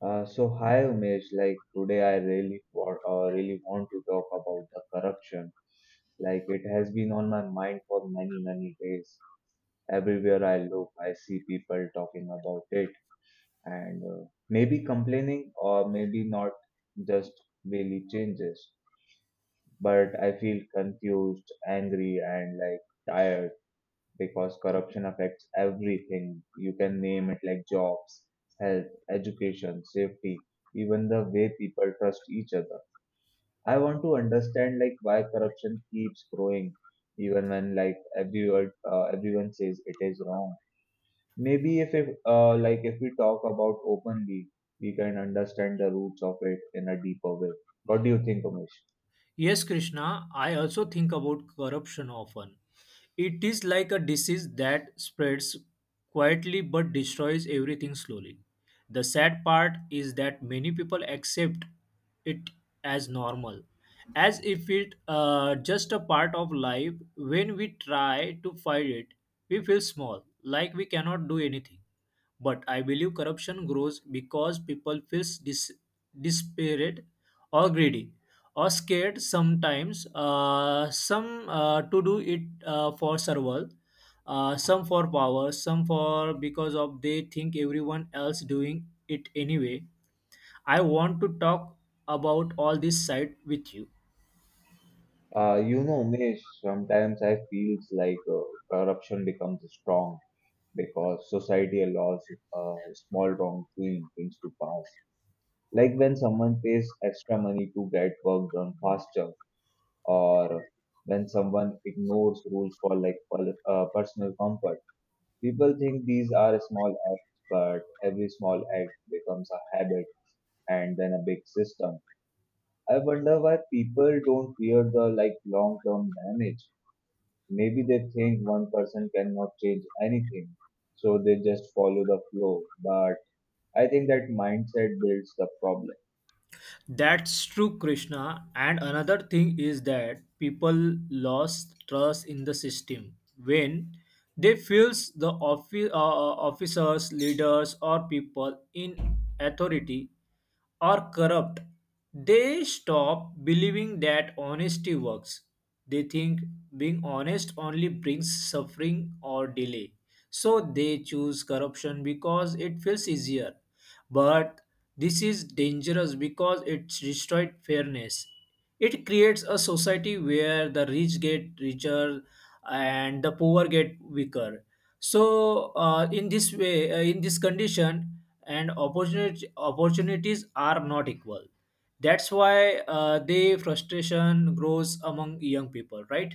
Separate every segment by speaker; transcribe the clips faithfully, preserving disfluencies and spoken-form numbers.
Speaker 1: Uh, so hi Umesh, like today I really wa- uh, really want to talk about the corruption. Like it has been on my mind for many many days. Everywhere I look, I see people talking about it and uh, maybe complaining or maybe not just really changes. But I feel confused, angry, and like tired because corruption affects everything. You can name it like jobs, health, education, safety, even the way people trust each other. I want to understand like why corruption keeps growing even when like everyone uh, everyone says it is wrong. Maybe if it, uh, like if we talk about openly, we can understand the roots of it in a deeper way. What do you think, Umesh?
Speaker 2: Yes, Krishna, I also think about corruption often. It is like a disease that spreads quietly but destroys everything slowly. The sad part is that many people accept it as normal, as if it uh, just a part of life. When we try to fight it, we feel small, like we cannot do anything. But I believe corruption grows because people feel dis- desperate or greedy or scared sometimes, uh, some uh, to do it uh, for survival, uh, some for power, some for because of they think everyone else doing it anyway. I want to talk about all this side with you.
Speaker 1: Uh, you know, Mish, sometimes I feels like uh, corruption becomes strong because society allows uh, small wrongdoing things to pass. Like when someone pays extra money to get work done faster, or when someone ignores rules for like pol- uh, personal comfort. People think these are small acts, but every small act becomes a habit and then a big system. I wonder why people don't fear the like long-term damage. Maybe they think one person cannot change anything, so they just follow the flow. But I think that mindset builds the problem.
Speaker 2: That's true, Krishna. And another thing is that people lost trust in the system when they feels the offi- uh, uh, officers, leaders, or people in authority or corrupt, they stop believing that honesty works. They think being honest only brings suffering or delay. So they choose corruption because it feels easier. But this is dangerous because it destroyed fairness. It creates a society where the rich get richer and the poor get weaker. So, uh, in this way, uh, in this condition, and opportunity, opportunities are not equal. That's why uh, the frustration grows among young people, right?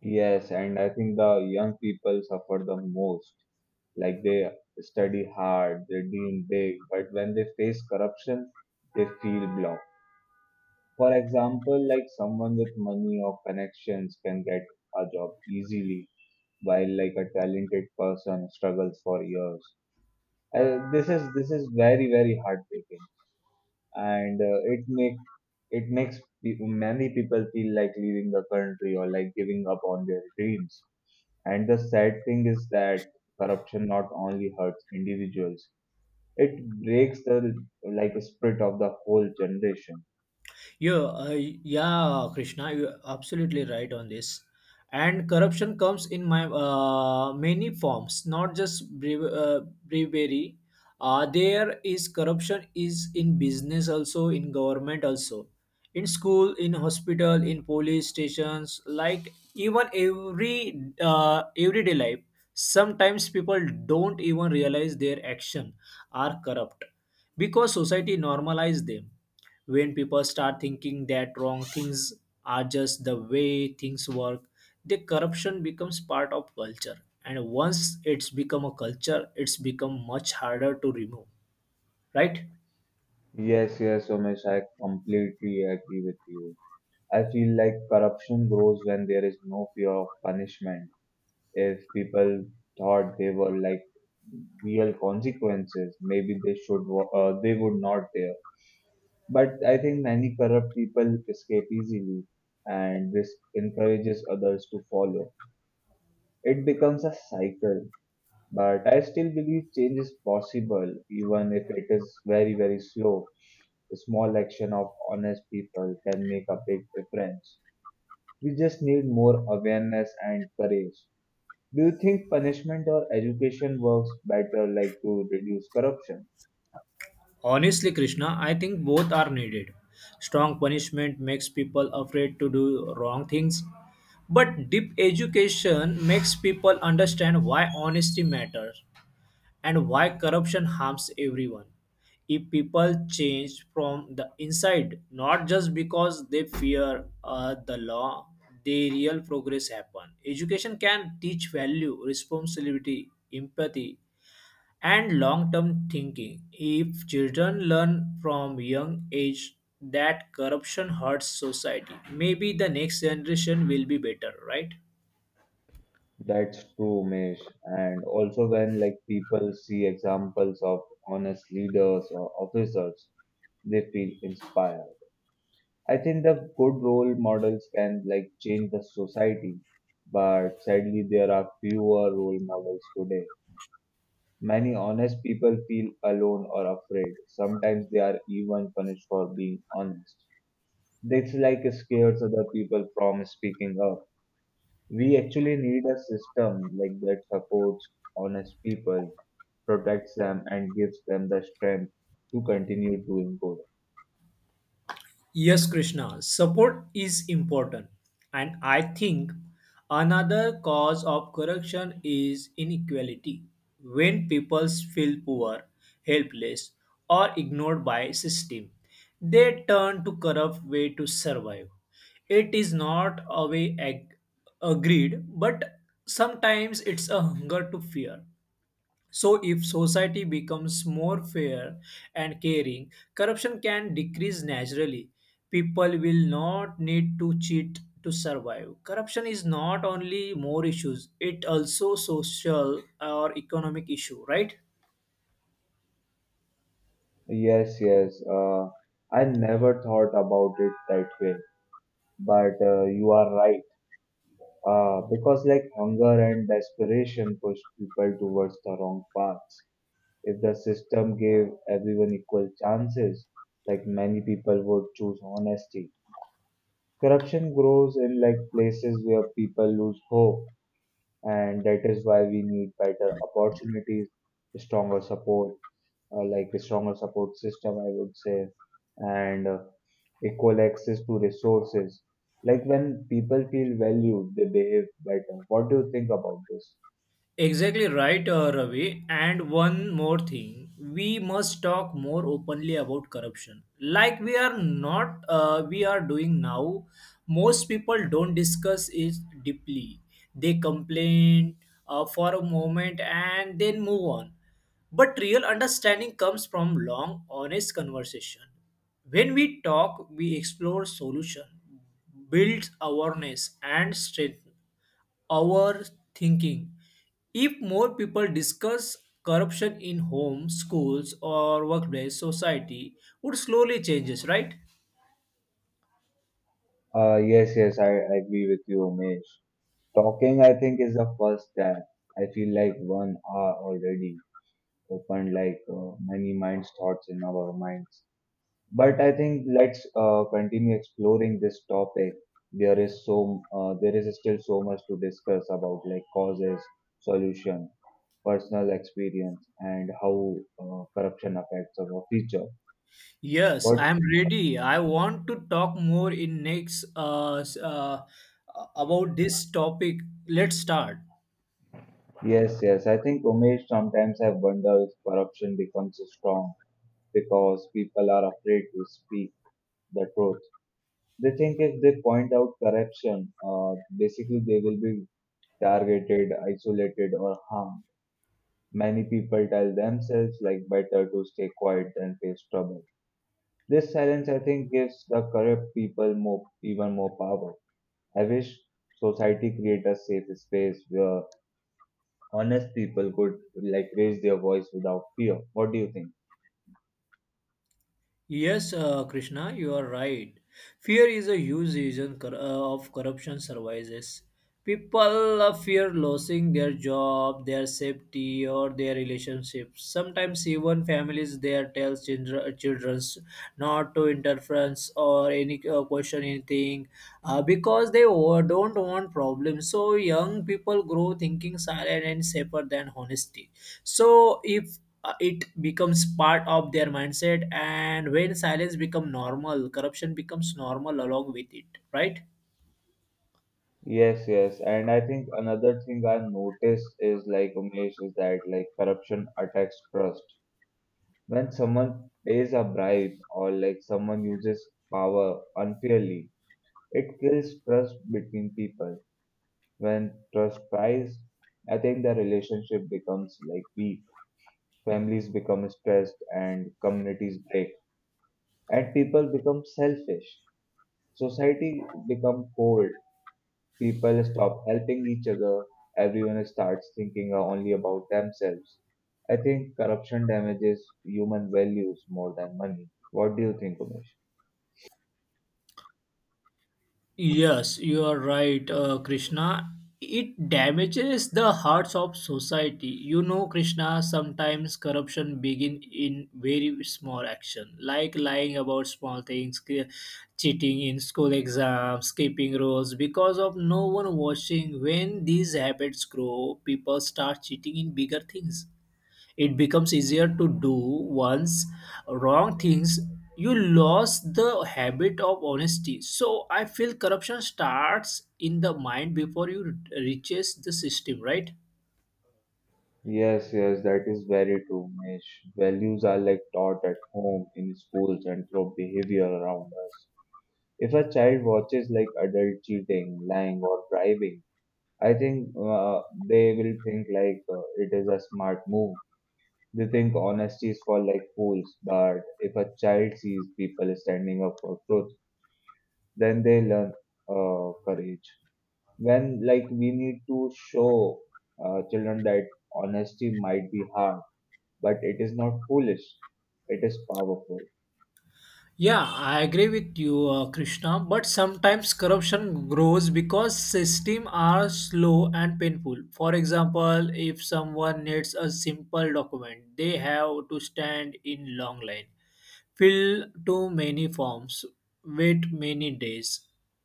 Speaker 1: Yes, and I think the young people suffer the most. Like they study hard, they dream big, but when they face corruption, they feel blocked. For example, like someone with money or connections can get a job easily, while like a talented person struggles for years. Uh, this is this is very very heartbreaking, and uh, it make it makes pe- many people feel like leaving the country or like giving up on their dreams. And the sad thing is that corruption not only hurts individuals, it breaks the like spirit of the whole generation.
Speaker 2: Yeah, uh, yeah, Krishna, you're absolutely right on this. And corruption comes in my uh, many forms, not just bribe- uh, bribery. Uh, there is corruption is in business also, in government also, in school, in hospital, in police stations, like even every uh, everyday life. Sometimes people don't even realize their action are corrupt because society normalized them when people start thinking that wrong things are just the way things work, the corruption becomes part of culture, and once it's become a culture, it's become much harder to remove, right?
Speaker 1: Yes, yes, Umesh, I completely agree with you. I feel like corruption grows when there is no fear of punishment. If people thought they were like real consequences, maybe they should wa- uh, they would not dare. But I think many corrupt people escape easily, and this encourages others to follow. It becomes a cycle. But I still believe change is possible, even if it is very, very slow. A small action of honest people can make a big difference. We just need more awareness and courage. Do you think punishment or education works better like to reduce corruption?
Speaker 2: Honestly, Krishna, I think both are needed. Strong punishment makes people afraid to do wrong things, but deep education makes people understand why honesty matters and why corruption harms everyone. If people change from the inside, not just because they fear uh, the law, the real progress happen. Education can teach value, responsibility, empathy, and long-term thinking. If children learn from young age that corruption hurts society, maybe the next generation will be better, right?
Speaker 1: That's true, Mesh. And also when like people see examples of honest leaders or officers, they feel inspired. I think the good role models can like change the society, but sadly there are fewer role models today. Many honest people feel alone or afraid. Sometimes they are even punished for being honest. This like scares other people from speaking up. We actually need a system like that supports honest people, protects them, and gives them the strength to continue doing good.
Speaker 2: Yes, Krishna, support is important. And I think another cause of corruption is inequality. When people feel poor, helpless, or ignored by system, they turn to corrupt way to survive. It is not a way ag- agreed, but sometimes it's a hunger to fear. So, if society becomes more fair and caring, corruption can decrease naturally. People will not need to cheat to survive. Corruption is not only more issues, it also social or economic issue, right?
Speaker 1: Yes, yes. Uh, I never thought about it that way, but uh, you are right. Uh, because like hunger and desperation push people towards the wrong paths. If the system gave everyone equal chances, like many people would choose honesty. Corruption grows in like places where people lose hope, and that is why we need better opportunities, stronger support, uh, like a stronger support system, I would say, and uh, equal access to resources. Like when people feel valued, they behave better. What do you think about this?
Speaker 2: Exactly right, uh, Ravi. And one more thing, we must talk more openly about corruption. Like we are not, uh, we are doing now. Most people don't discuss it deeply. They complain uh, for a moment and then move on. But real understanding comes from long, honest conversation. When we talk, we explore solution, build awareness, and strength our thinking. If more people discuss corruption in homes, schools, or workplace, society would slowly changes, right?
Speaker 1: Uh, yes, yes, I, I agree with you, Umesh. Talking, I think, is the first step. I feel like one hour already opened like uh, many minds thoughts in our minds. But I think let's uh, continue exploring this topic. There is so uh, there is still so much to discuss about like causes, solution, personal experience, and how uh, corruption affects our future.
Speaker 2: Yes, I
Speaker 1: What?
Speaker 2: am ready. I want to talk more in next uh, s- uh, about this topic. Let's start.
Speaker 1: Yes, yes. I think Umesh sometimes I wonder if corruption becomes strong because people are afraid to speak the truth. They think if they point out corruption, uh, basically they will be targeted, isolated, or harmed. Many people tell themselves like better to stay quiet than face trouble. This silence, I think, gives the corrupt people more, even more power. I wish society create a safe space where honest people could like raise their voice without fear. What do you think?
Speaker 2: Yes, uh, Krishna, you are right. Fear is a huge reason cor- uh, of corruption survives. People uh, fear losing their job, their safety, or their relationships. Sometimes even families there tell children children's not to interference or any uh, question anything uh, because they o- don't want problems. So young people grow thinking silent and safer than honesty. So if uh, it becomes part of their mindset, and when silence become normal, corruption becomes normal along with it, right?
Speaker 1: Yes, yes, and I think another thing I noticed is like Umesh is that like corruption attacks trust. When someone pays a bribe or like someone uses power unfairly, it kills trust between people. When trust dies, I think the relationship becomes like weak. Families become stressed and communities break. And people become selfish. Society become cold. People stop helping each other. Everyone starts thinking only about themselves. I think corruption damages human values more than money. What do you think, Umesh?
Speaker 2: Yes, you are right, uh, Krishna. It damages the hearts of society. You know, Krishna, sometimes corruption begin in very small action, like lying about small things, che- cheating in school exams, skipping roles, because of no one watching. When these habits grow, people start cheating in bigger things. It becomes easier to do once wrong things you lost the habit of honesty. So I feel corruption starts in the mind before you reaches the system, right?
Speaker 1: Yes, yes, that is very true, Mesh. Values are like taught at home, in schools, and through behavior around us. If a child watches like adult cheating, lying, or bribing, I think uh, they will think like uh, it is a smart move. They think honesty is for like fools, but if a child sees people standing up for truth, then they learn uh, courage. When like we need to show uh, children that honesty might be hard but it is not foolish, it is powerful.
Speaker 2: Yeah, I agree with you, uh, Krishna. But sometimes corruption grows because systems are slow and painful. For example, if someone needs a simple document, they have to stand in long line, fill too many forms, wait many days.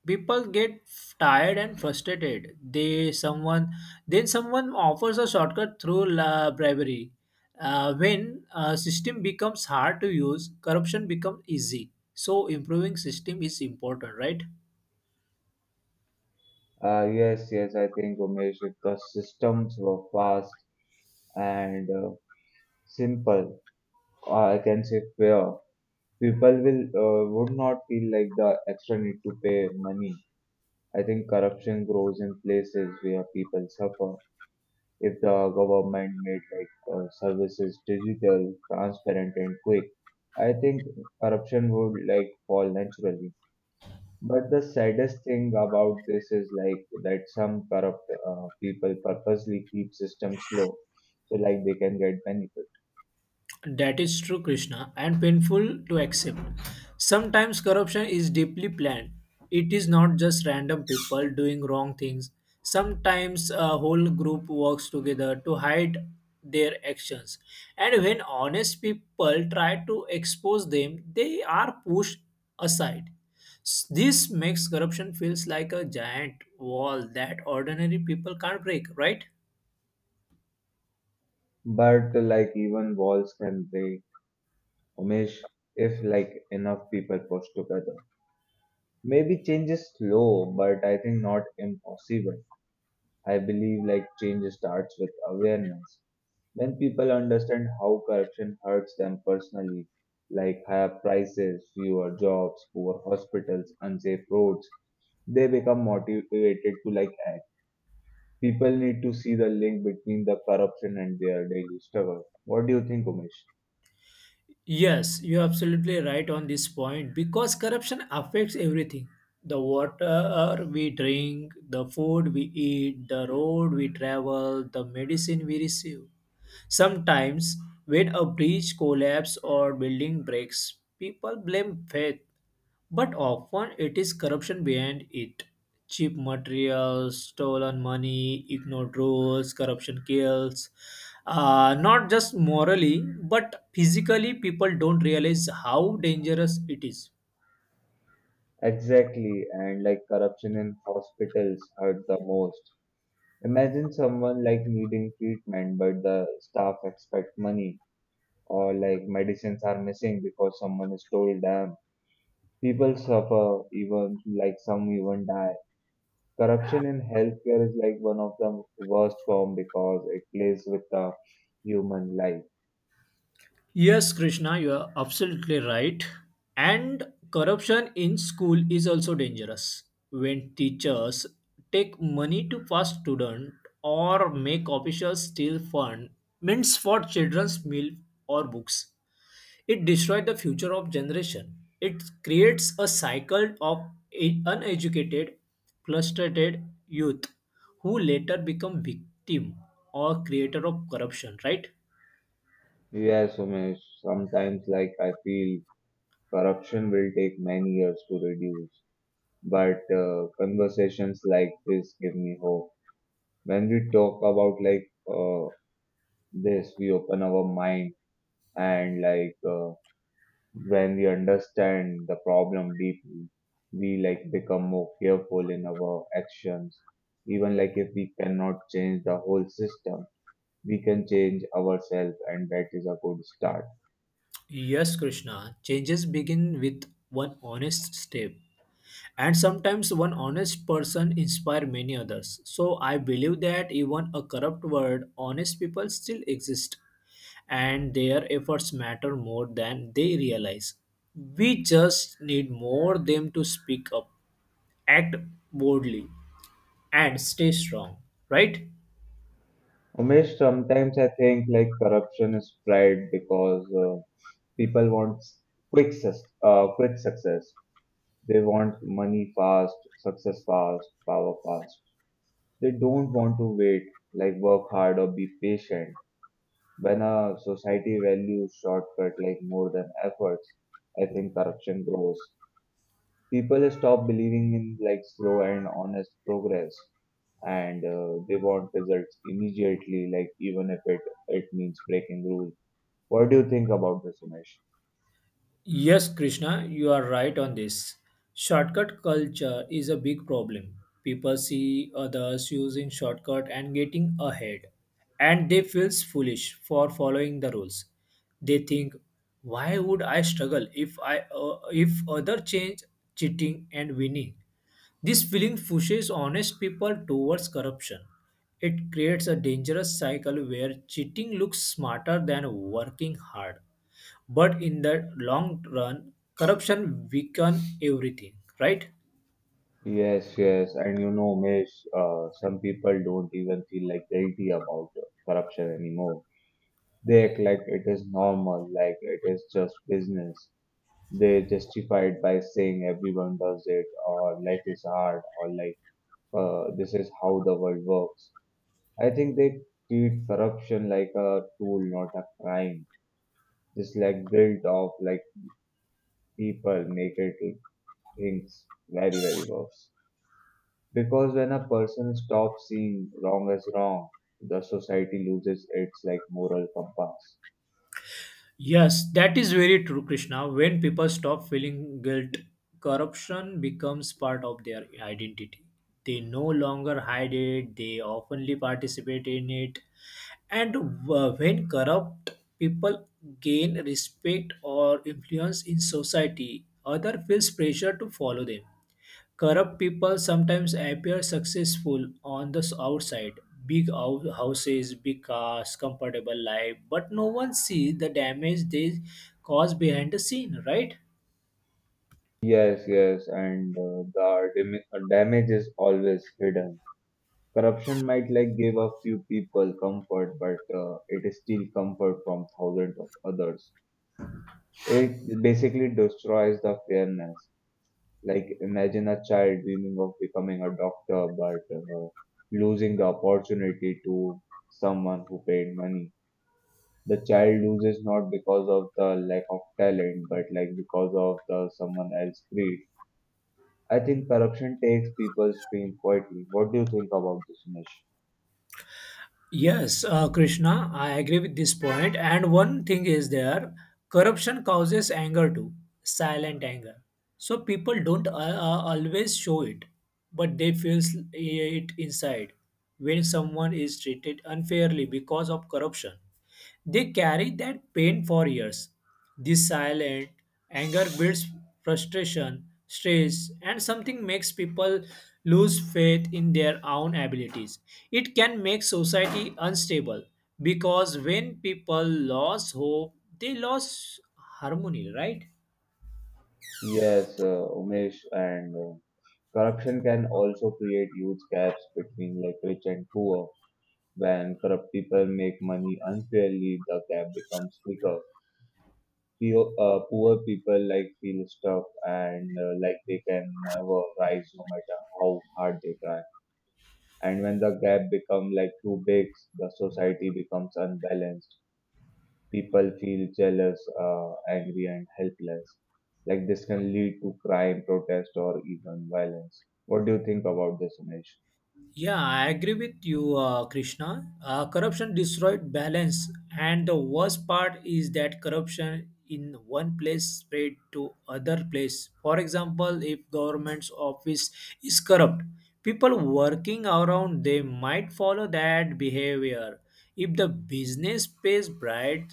Speaker 2: People get tired and frustrated. They someone Then someone offers a shortcut through la bribery. Uh, when a system becomes hard to use, corruption becomes easy. So improving system is important, right?
Speaker 1: Uh, yes, yes, I think, Umesh, if the systems were fast and uh, simple, or I can say fair, people will uh, would not feel like the extra need to pay money. I think corruption grows in places where people suffer. If the government made like uh, services digital, transparent, and quick, I think corruption would like fall naturally. But the saddest thing about this is like that some corrupt uh, people purposely keep systems slow, so like they can get benefit.
Speaker 2: That is true, Krishna, and painful to accept. Sometimes corruption is deeply planned. It is not just random people doing wrong things. Sometimes a whole group works together to hide their actions. And when honest people try to expose them, they are pushed aside. S- This makes corruption feels like a giant wall that ordinary people can't break, right?
Speaker 1: But like even walls can break, Umesh, if like enough people push together. Maybe change is slow, but I think not impossible. I believe like change starts with awareness. When people understand how corruption hurts them personally, like higher prices, fewer jobs, poor hospitals, unsafe roads. They become motivated to like act. People need to see the link between the corruption and their daily struggle. What do you think, Umesh?
Speaker 2: Yes, you're absolutely right on this point because corruption affects everything: the water we drink, the food we eat, the road we travel, the medicine we receive. Sometimes, when a bridge collapses or building breaks, people blame faith, but often it is corruption behind it. Cheap materials, stolen money, ignored rules, corruption kills. Uh, not just morally, but physically, people don't realize how dangerous it is.
Speaker 1: Exactly, and like corruption in hospitals hurt the most. Imagine someone like needing treatment, but the staff expect money, or like medicines are missing because someone is told them. People suffer, even like some even die. Corruption in healthcare is like one of the worst form because it plays with the human life.
Speaker 2: Yes, Krishna, you are absolutely right. And corruption in school is also dangerous. When teachers take money to pass student or make officials steal fund means for children's meal or books, it destroys the future of generation. It creates a cycle of e- uneducated, frustrated youth who later become victim or creator of corruption, right?
Speaker 1: Yes, Umesh, sometimes like I feel corruption will take many years to reduce, but uh, conversations like this give me hope. When we talk about like uh, this, we open our mind and like uh, when we understand the problem deeply, we like become more careful in our actions. Even like if we cannot change the whole system, we can change ourselves, and that is a good start.
Speaker 2: Yes, Krishna, changes begin with one honest step. And sometimes one honest person inspire many others. So I believe that even a corrupt world, honest people still exist and their efforts matter more than they realize. We just need more them to speak up, act boldly, and stay strong, right?
Speaker 1: Umesh, sometimes I think like corruption is spread because uh, people want quick, sus- uh, quick success. They want money fast, success fast, power fast. They don't want to wait, like work hard or be patient. When a society values shortcut like more than efforts, I think corruption grows. People stop believing in like slow and honest progress, and uh, they want results immediately, like even if it it means breaking rules. What do you think about this, Umesh?
Speaker 2: Yes, Krishna, you are right on this. Shortcut culture is a big problem. People see others using shortcut and getting ahead, and they feel foolish for following the rules. They think, "Why would I struggle if I uh, if other change cheating and winning?" This feeling pushes honest people towards corruption. It creates a dangerous cycle where cheating looks smarter than working hard, but in the long run, corruption weaken everything, right?
Speaker 1: Yes, yes, and you know, Umesh, uh, some people don't even feel like guilty about corruption anymore. They act like it is normal, like it is just business. They justify it by saying everyone does it or life is hard or like uh, this is how the world works. I think they treat corruption like a tool, not a crime. This like guilt of like people make it things very very worse. Because when a person stops seeing wrong as wrong, the society loses its like moral compass.
Speaker 2: Yes, that is very true, Krishna. When people stop feeling guilt, corruption becomes part of their identity. They no longer hide it, they openly participate in it. And uh, when corrupt people gain respect or influence in society, other feels pressure to follow them. Corrupt people sometimes appear successful on the outside. Big hou- houses, big cars, comfortable life, but no one sees the damage they cause behind the scene, right?
Speaker 1: Yes, yes, and uh, the dam- damage is always hidden. Corruption might like give a few people comfort, but uh, it is still comfort from thousands of others. It basically destroys the fairness. Like imagine a child dreaming of becoming a doctor, but uh, losing the opportunity to someone who paid money. The child loses not because of the lack of talent, but like because of the someone else's greed. I think corruption takes people's dream quietly. What do you think about this, Nish?
Speaker 2: Yes, uh, Krishna, I agree with this point. And one thing is there, corruption causes anger too, silent anger. So people don't uh, uh, always show it, but they feel it inside when someone is treated unfairly because of corruption. They carry that pain for years. This silent anger builds frustration, stress, and something makes people lose faith in their own abilities. It can make society unstable because when people lose hope, they lose harmony, right?
Speaker 1: Yes, uh, Umesh, and uh, corruption can also create huge gaps between like rich and poor. When corrupt people make money unfairly, the gap becomes bigger. Poor, uh, poor people like feel stuck and uh, like they can never rise no matter how hard they try. And when the gap become like too big, the society becomes unbalanced. People feel jealous, uh, angry, and helpless. Like this can lead to crime, protest, or even violence. What do you think about this, Umesh?
Speaker 2: Yeah, I agree with you, uh, Krishna. Uh, corruption destroyed balance, and the worst part is that corruption in one place spread to other place. For example, if government's office is corrupt, people working around they might follow that behavior. If the business pays bribe,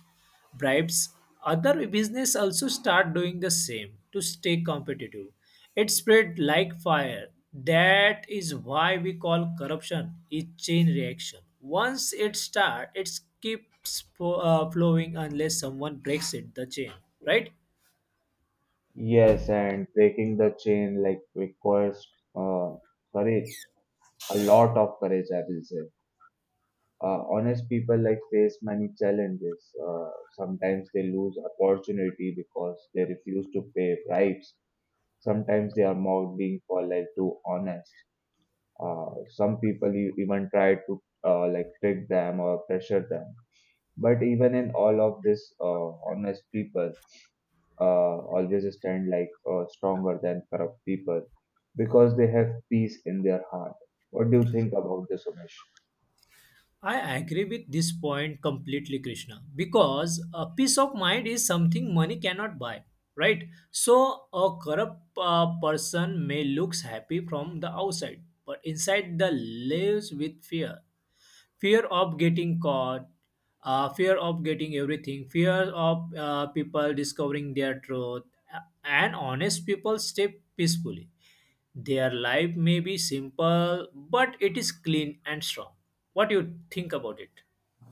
Speaker 2: bribes, other business also start doing the same to stay competitive. It spread like fire. That is why we call corruption a chain reaction. Once it starts, it keeps fo- uh, flowing unless someone breaks it, the chain, right?
Speaker 1: Yes, and breaking the chain like requires uh, courage, a lot of courage, I will say. Uh, honest people like face many challenges. Uh, sometimes they lose opportunity because they refuse to pay bribes. Sometimes they are mocked being for like too honest. Uh, some people e- even try to uh, like trick them or pressure them. But even in all of this, uh, honest people uh, always stand like uh, stronger than corrupt people because they have peace in their heart. What do you think about this, Umesh?
Speaker 2: I agree with this point completely, Krishna, because a peace of mind is something money cannot buy, right? So a corrupt uh, person may looks happy from the outside, but inside the lives with fear, fear of getting caught, uh, fear of getting everything, fear of uh, people discovering their truth, and honest people stay peacefully. Their life may be simple, but it is clean and strong. What do you think about it?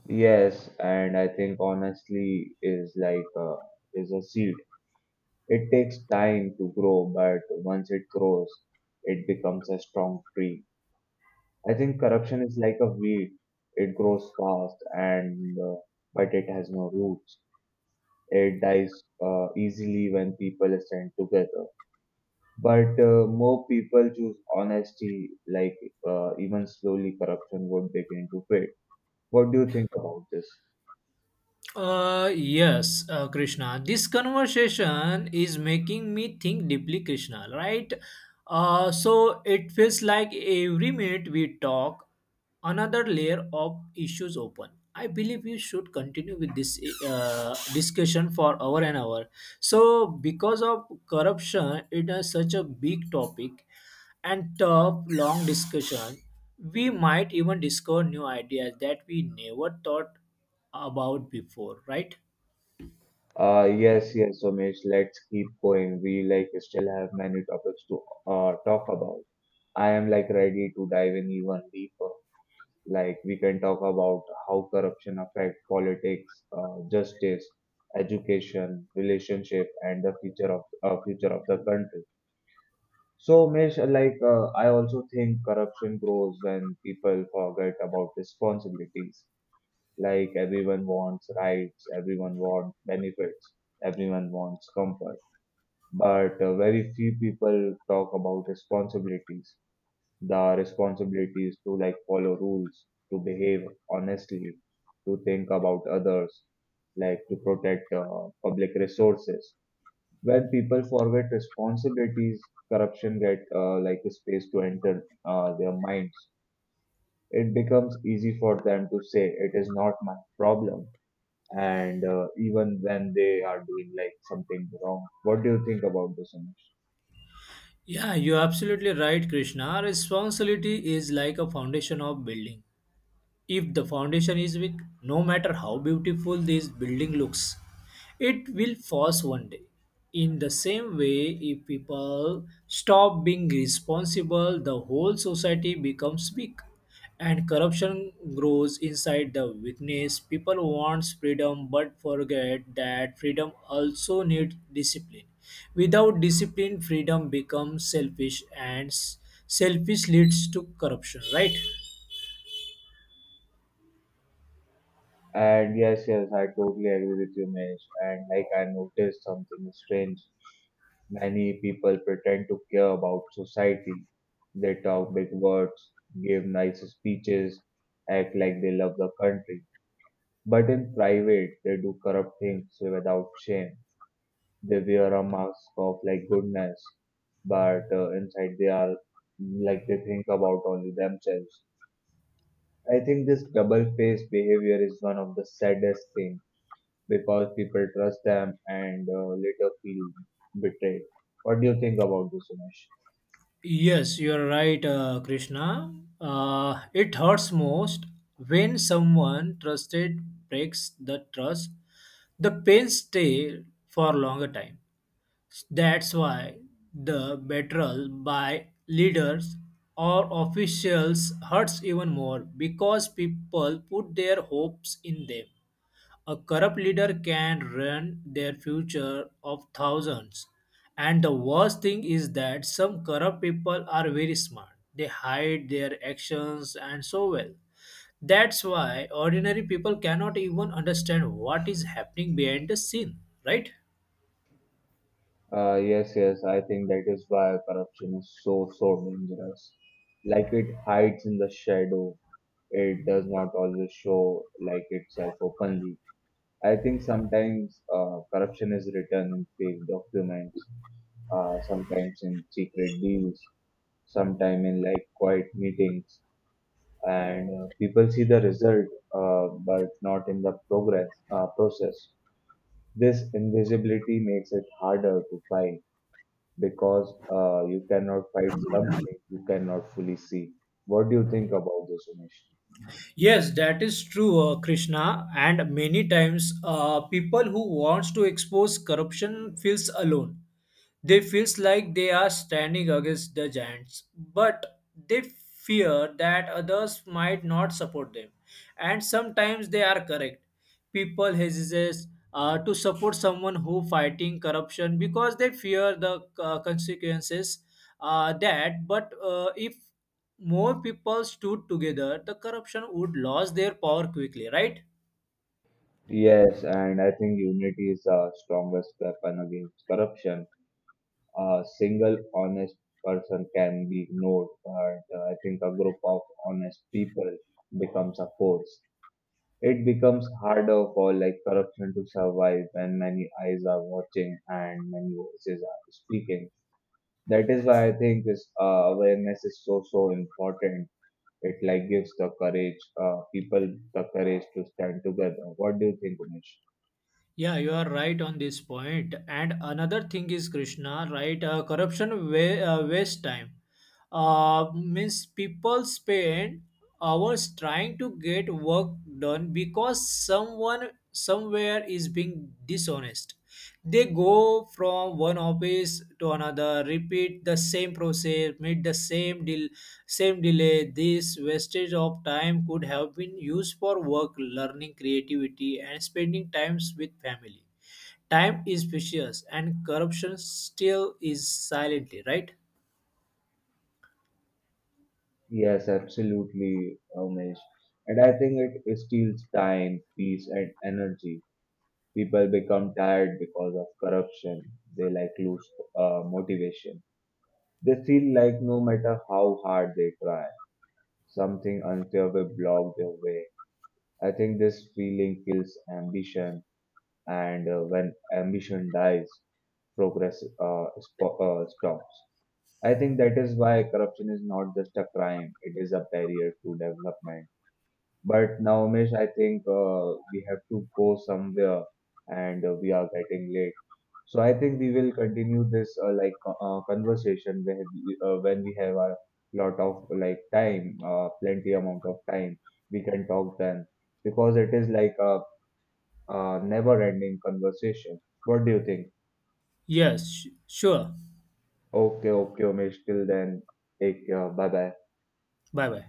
Speaker 1: Yes, and I think honestly is like uh, is a seed. It takes time to grow, but once it grows, it becomes a strong tree. I think corruption is like a weed. It grows fast and uh, but it has no roots. It dies uh, easily when people stand together. But uh, more people choose honesty, like uh, even slowly corruption would begin to fade. What do you think about this?
Speaker 2: Uh, yes, uh, Krishna. This conversation is making me think deeply, Krishna, right? Uh, so it feels like every minute we talk, another layer of issues open. I believe we should continue with this uh, discussion for hour and hour. So because of corruption, it is such a big topic and tough, long discussion. We might even discover new ideas that we never thought about before, right?
Speaker 1: Uh, yes, yes, Somesh, let's keep going. We like still have many topics to uh, talk about. I am like ready to dive in even deeper. Like we can talk about how corruption affect politics, uh, justice, education, relationship, and the future of uh, future of the country. So, Mesh, like uh, I also think corruption grows when people forget about responsibilities. Like everyone wants rights, everyone wants benefits, everyone wants comfort, but uh, very few people talk about responsibilities the responsibilities to like follow rules, to behave honestly, to think about others, like to protect uh, public resources. When people forget responsibilities, corruption get uh, like a space to enter uh, their minds. It becomes easy for them to say it is not my problem, and uh, even when they are doing like something wrong. What do you think about this, Anish?
Speaker 2: Yeah, you're absolutely right, Krishna. Responsibility is like a foundation of building. If the foundation is weak, no matter how beautiful this building looks, it will fall one day. In the same way, if people stop being responsible, the whole society becomes weak and corruption grows inside the weakness. People want freedom but forget that freedom also needs discipline. Without discipline, freedom becomes selfish, and s- selfish leads to corruption, right?
Speaker 1: And yes, yes, I totally agree with you, Mesh. And like I noticed something strange. Many people pretend to care about society. They talk big words, give nice speeches, act like they love the country. But in private, they do corrupt things without shame. They wear a mask of like goodness, but uh, inside they are like they think about only themselves. I think this double-faced behavior is one of the saddest things because people trust them and uh, later feel betrayed. What do you think about this, Umesh?
Speaker 2: Yes, you are right, uh, Krishna. Uh, it hurts most when someone trusted breaks the trust. The pain stay for a longer time. That's why the betrayal by leaders or officials hurts even more because people put their hopes in them. A corrupt leader can ruin their future of thousands. And the worst thing is that some corrupt people are very smart. They hide their actions and so well. That's why ordinary people cannot even understand what is happening behind the scene, right?
Speaker 1: Uh, yes, yes, I think that is why corruption is so, so dangerous. Like it hides in the shadow, it does not always show like itself openly. I think sometimes uh, corruption is written in fake documents, uh, sometimes in secret deals, sometimes in like quiet meetings. And uh, people see the result uh, but not in the progress uh, process. This invisibility makes it harder to fight because uh, you cannot fight something you cannot fully see. What do you think about this, Umesh?
Speaker 2: Yes, that is true, uh, Krishna. And many times, uh, people who wants to expose corruption feels alone. They feels like they are standing against the giants, but they fear that others might not support them. And sometimes they are correct. People hesitate uh, to support someone who fighting corruption because they fear the uh, consequences, uh, that but uh, if more people stood together, the corruption would lose their power quickly, right?
Speaker 1: Yes, and I think unity is the strongest weapon against corruption. A single honest person can be ignored, but uh, I think a group of honest people becomes a force. It becomes harder for like corruption to survive when many eyes are watching and many voices are speaking. That is why I think this uh, awareness is so so important. It like gives the courage, uh, people the courage to stand together. What do you think, Umesh?
Speaker 2: Yeah, you are right on this point. And another thing is, Krishna, right? Uh, corruption wa- uh, waste time. Uh, means people spend hours trying to get work done because someone somewhere is being dishonest. They go from one office to another, repeat the same process, meet the same deal, same delay. This wastage of time could have been used for work, learning, creativity, and spending times with family. Time is precious, and corruption still is silently, right?
Speaker 1: Yes, absolutely, Umesh. And I think it steals time, peace, and energy. People become tired because of corruption. They like lose uh, motivation. They feel like no matter how hard they try, something unfair will block their way. I think this feeling kills ambition, and uh, when ambition dies, progress uh, spo- uh, stops. I think that is why corruption is not just a crime, it is a barrier to development. But now, Umesh, I think uh, we have to go somewhere and uh, we are getting late. So I think we will continue this uh, like co- uh, conversation when we, uh, when we have a lot of like time, uh, plenty amount of time, we can talk then because it is like a, uh never-ending conversation. What do you think?
Speaker 2: Yes, sh- sure.
Speaker 1: Okay, okay, Umesh. Till then, take care. Bye bye.
Speaker 2: Bye bye.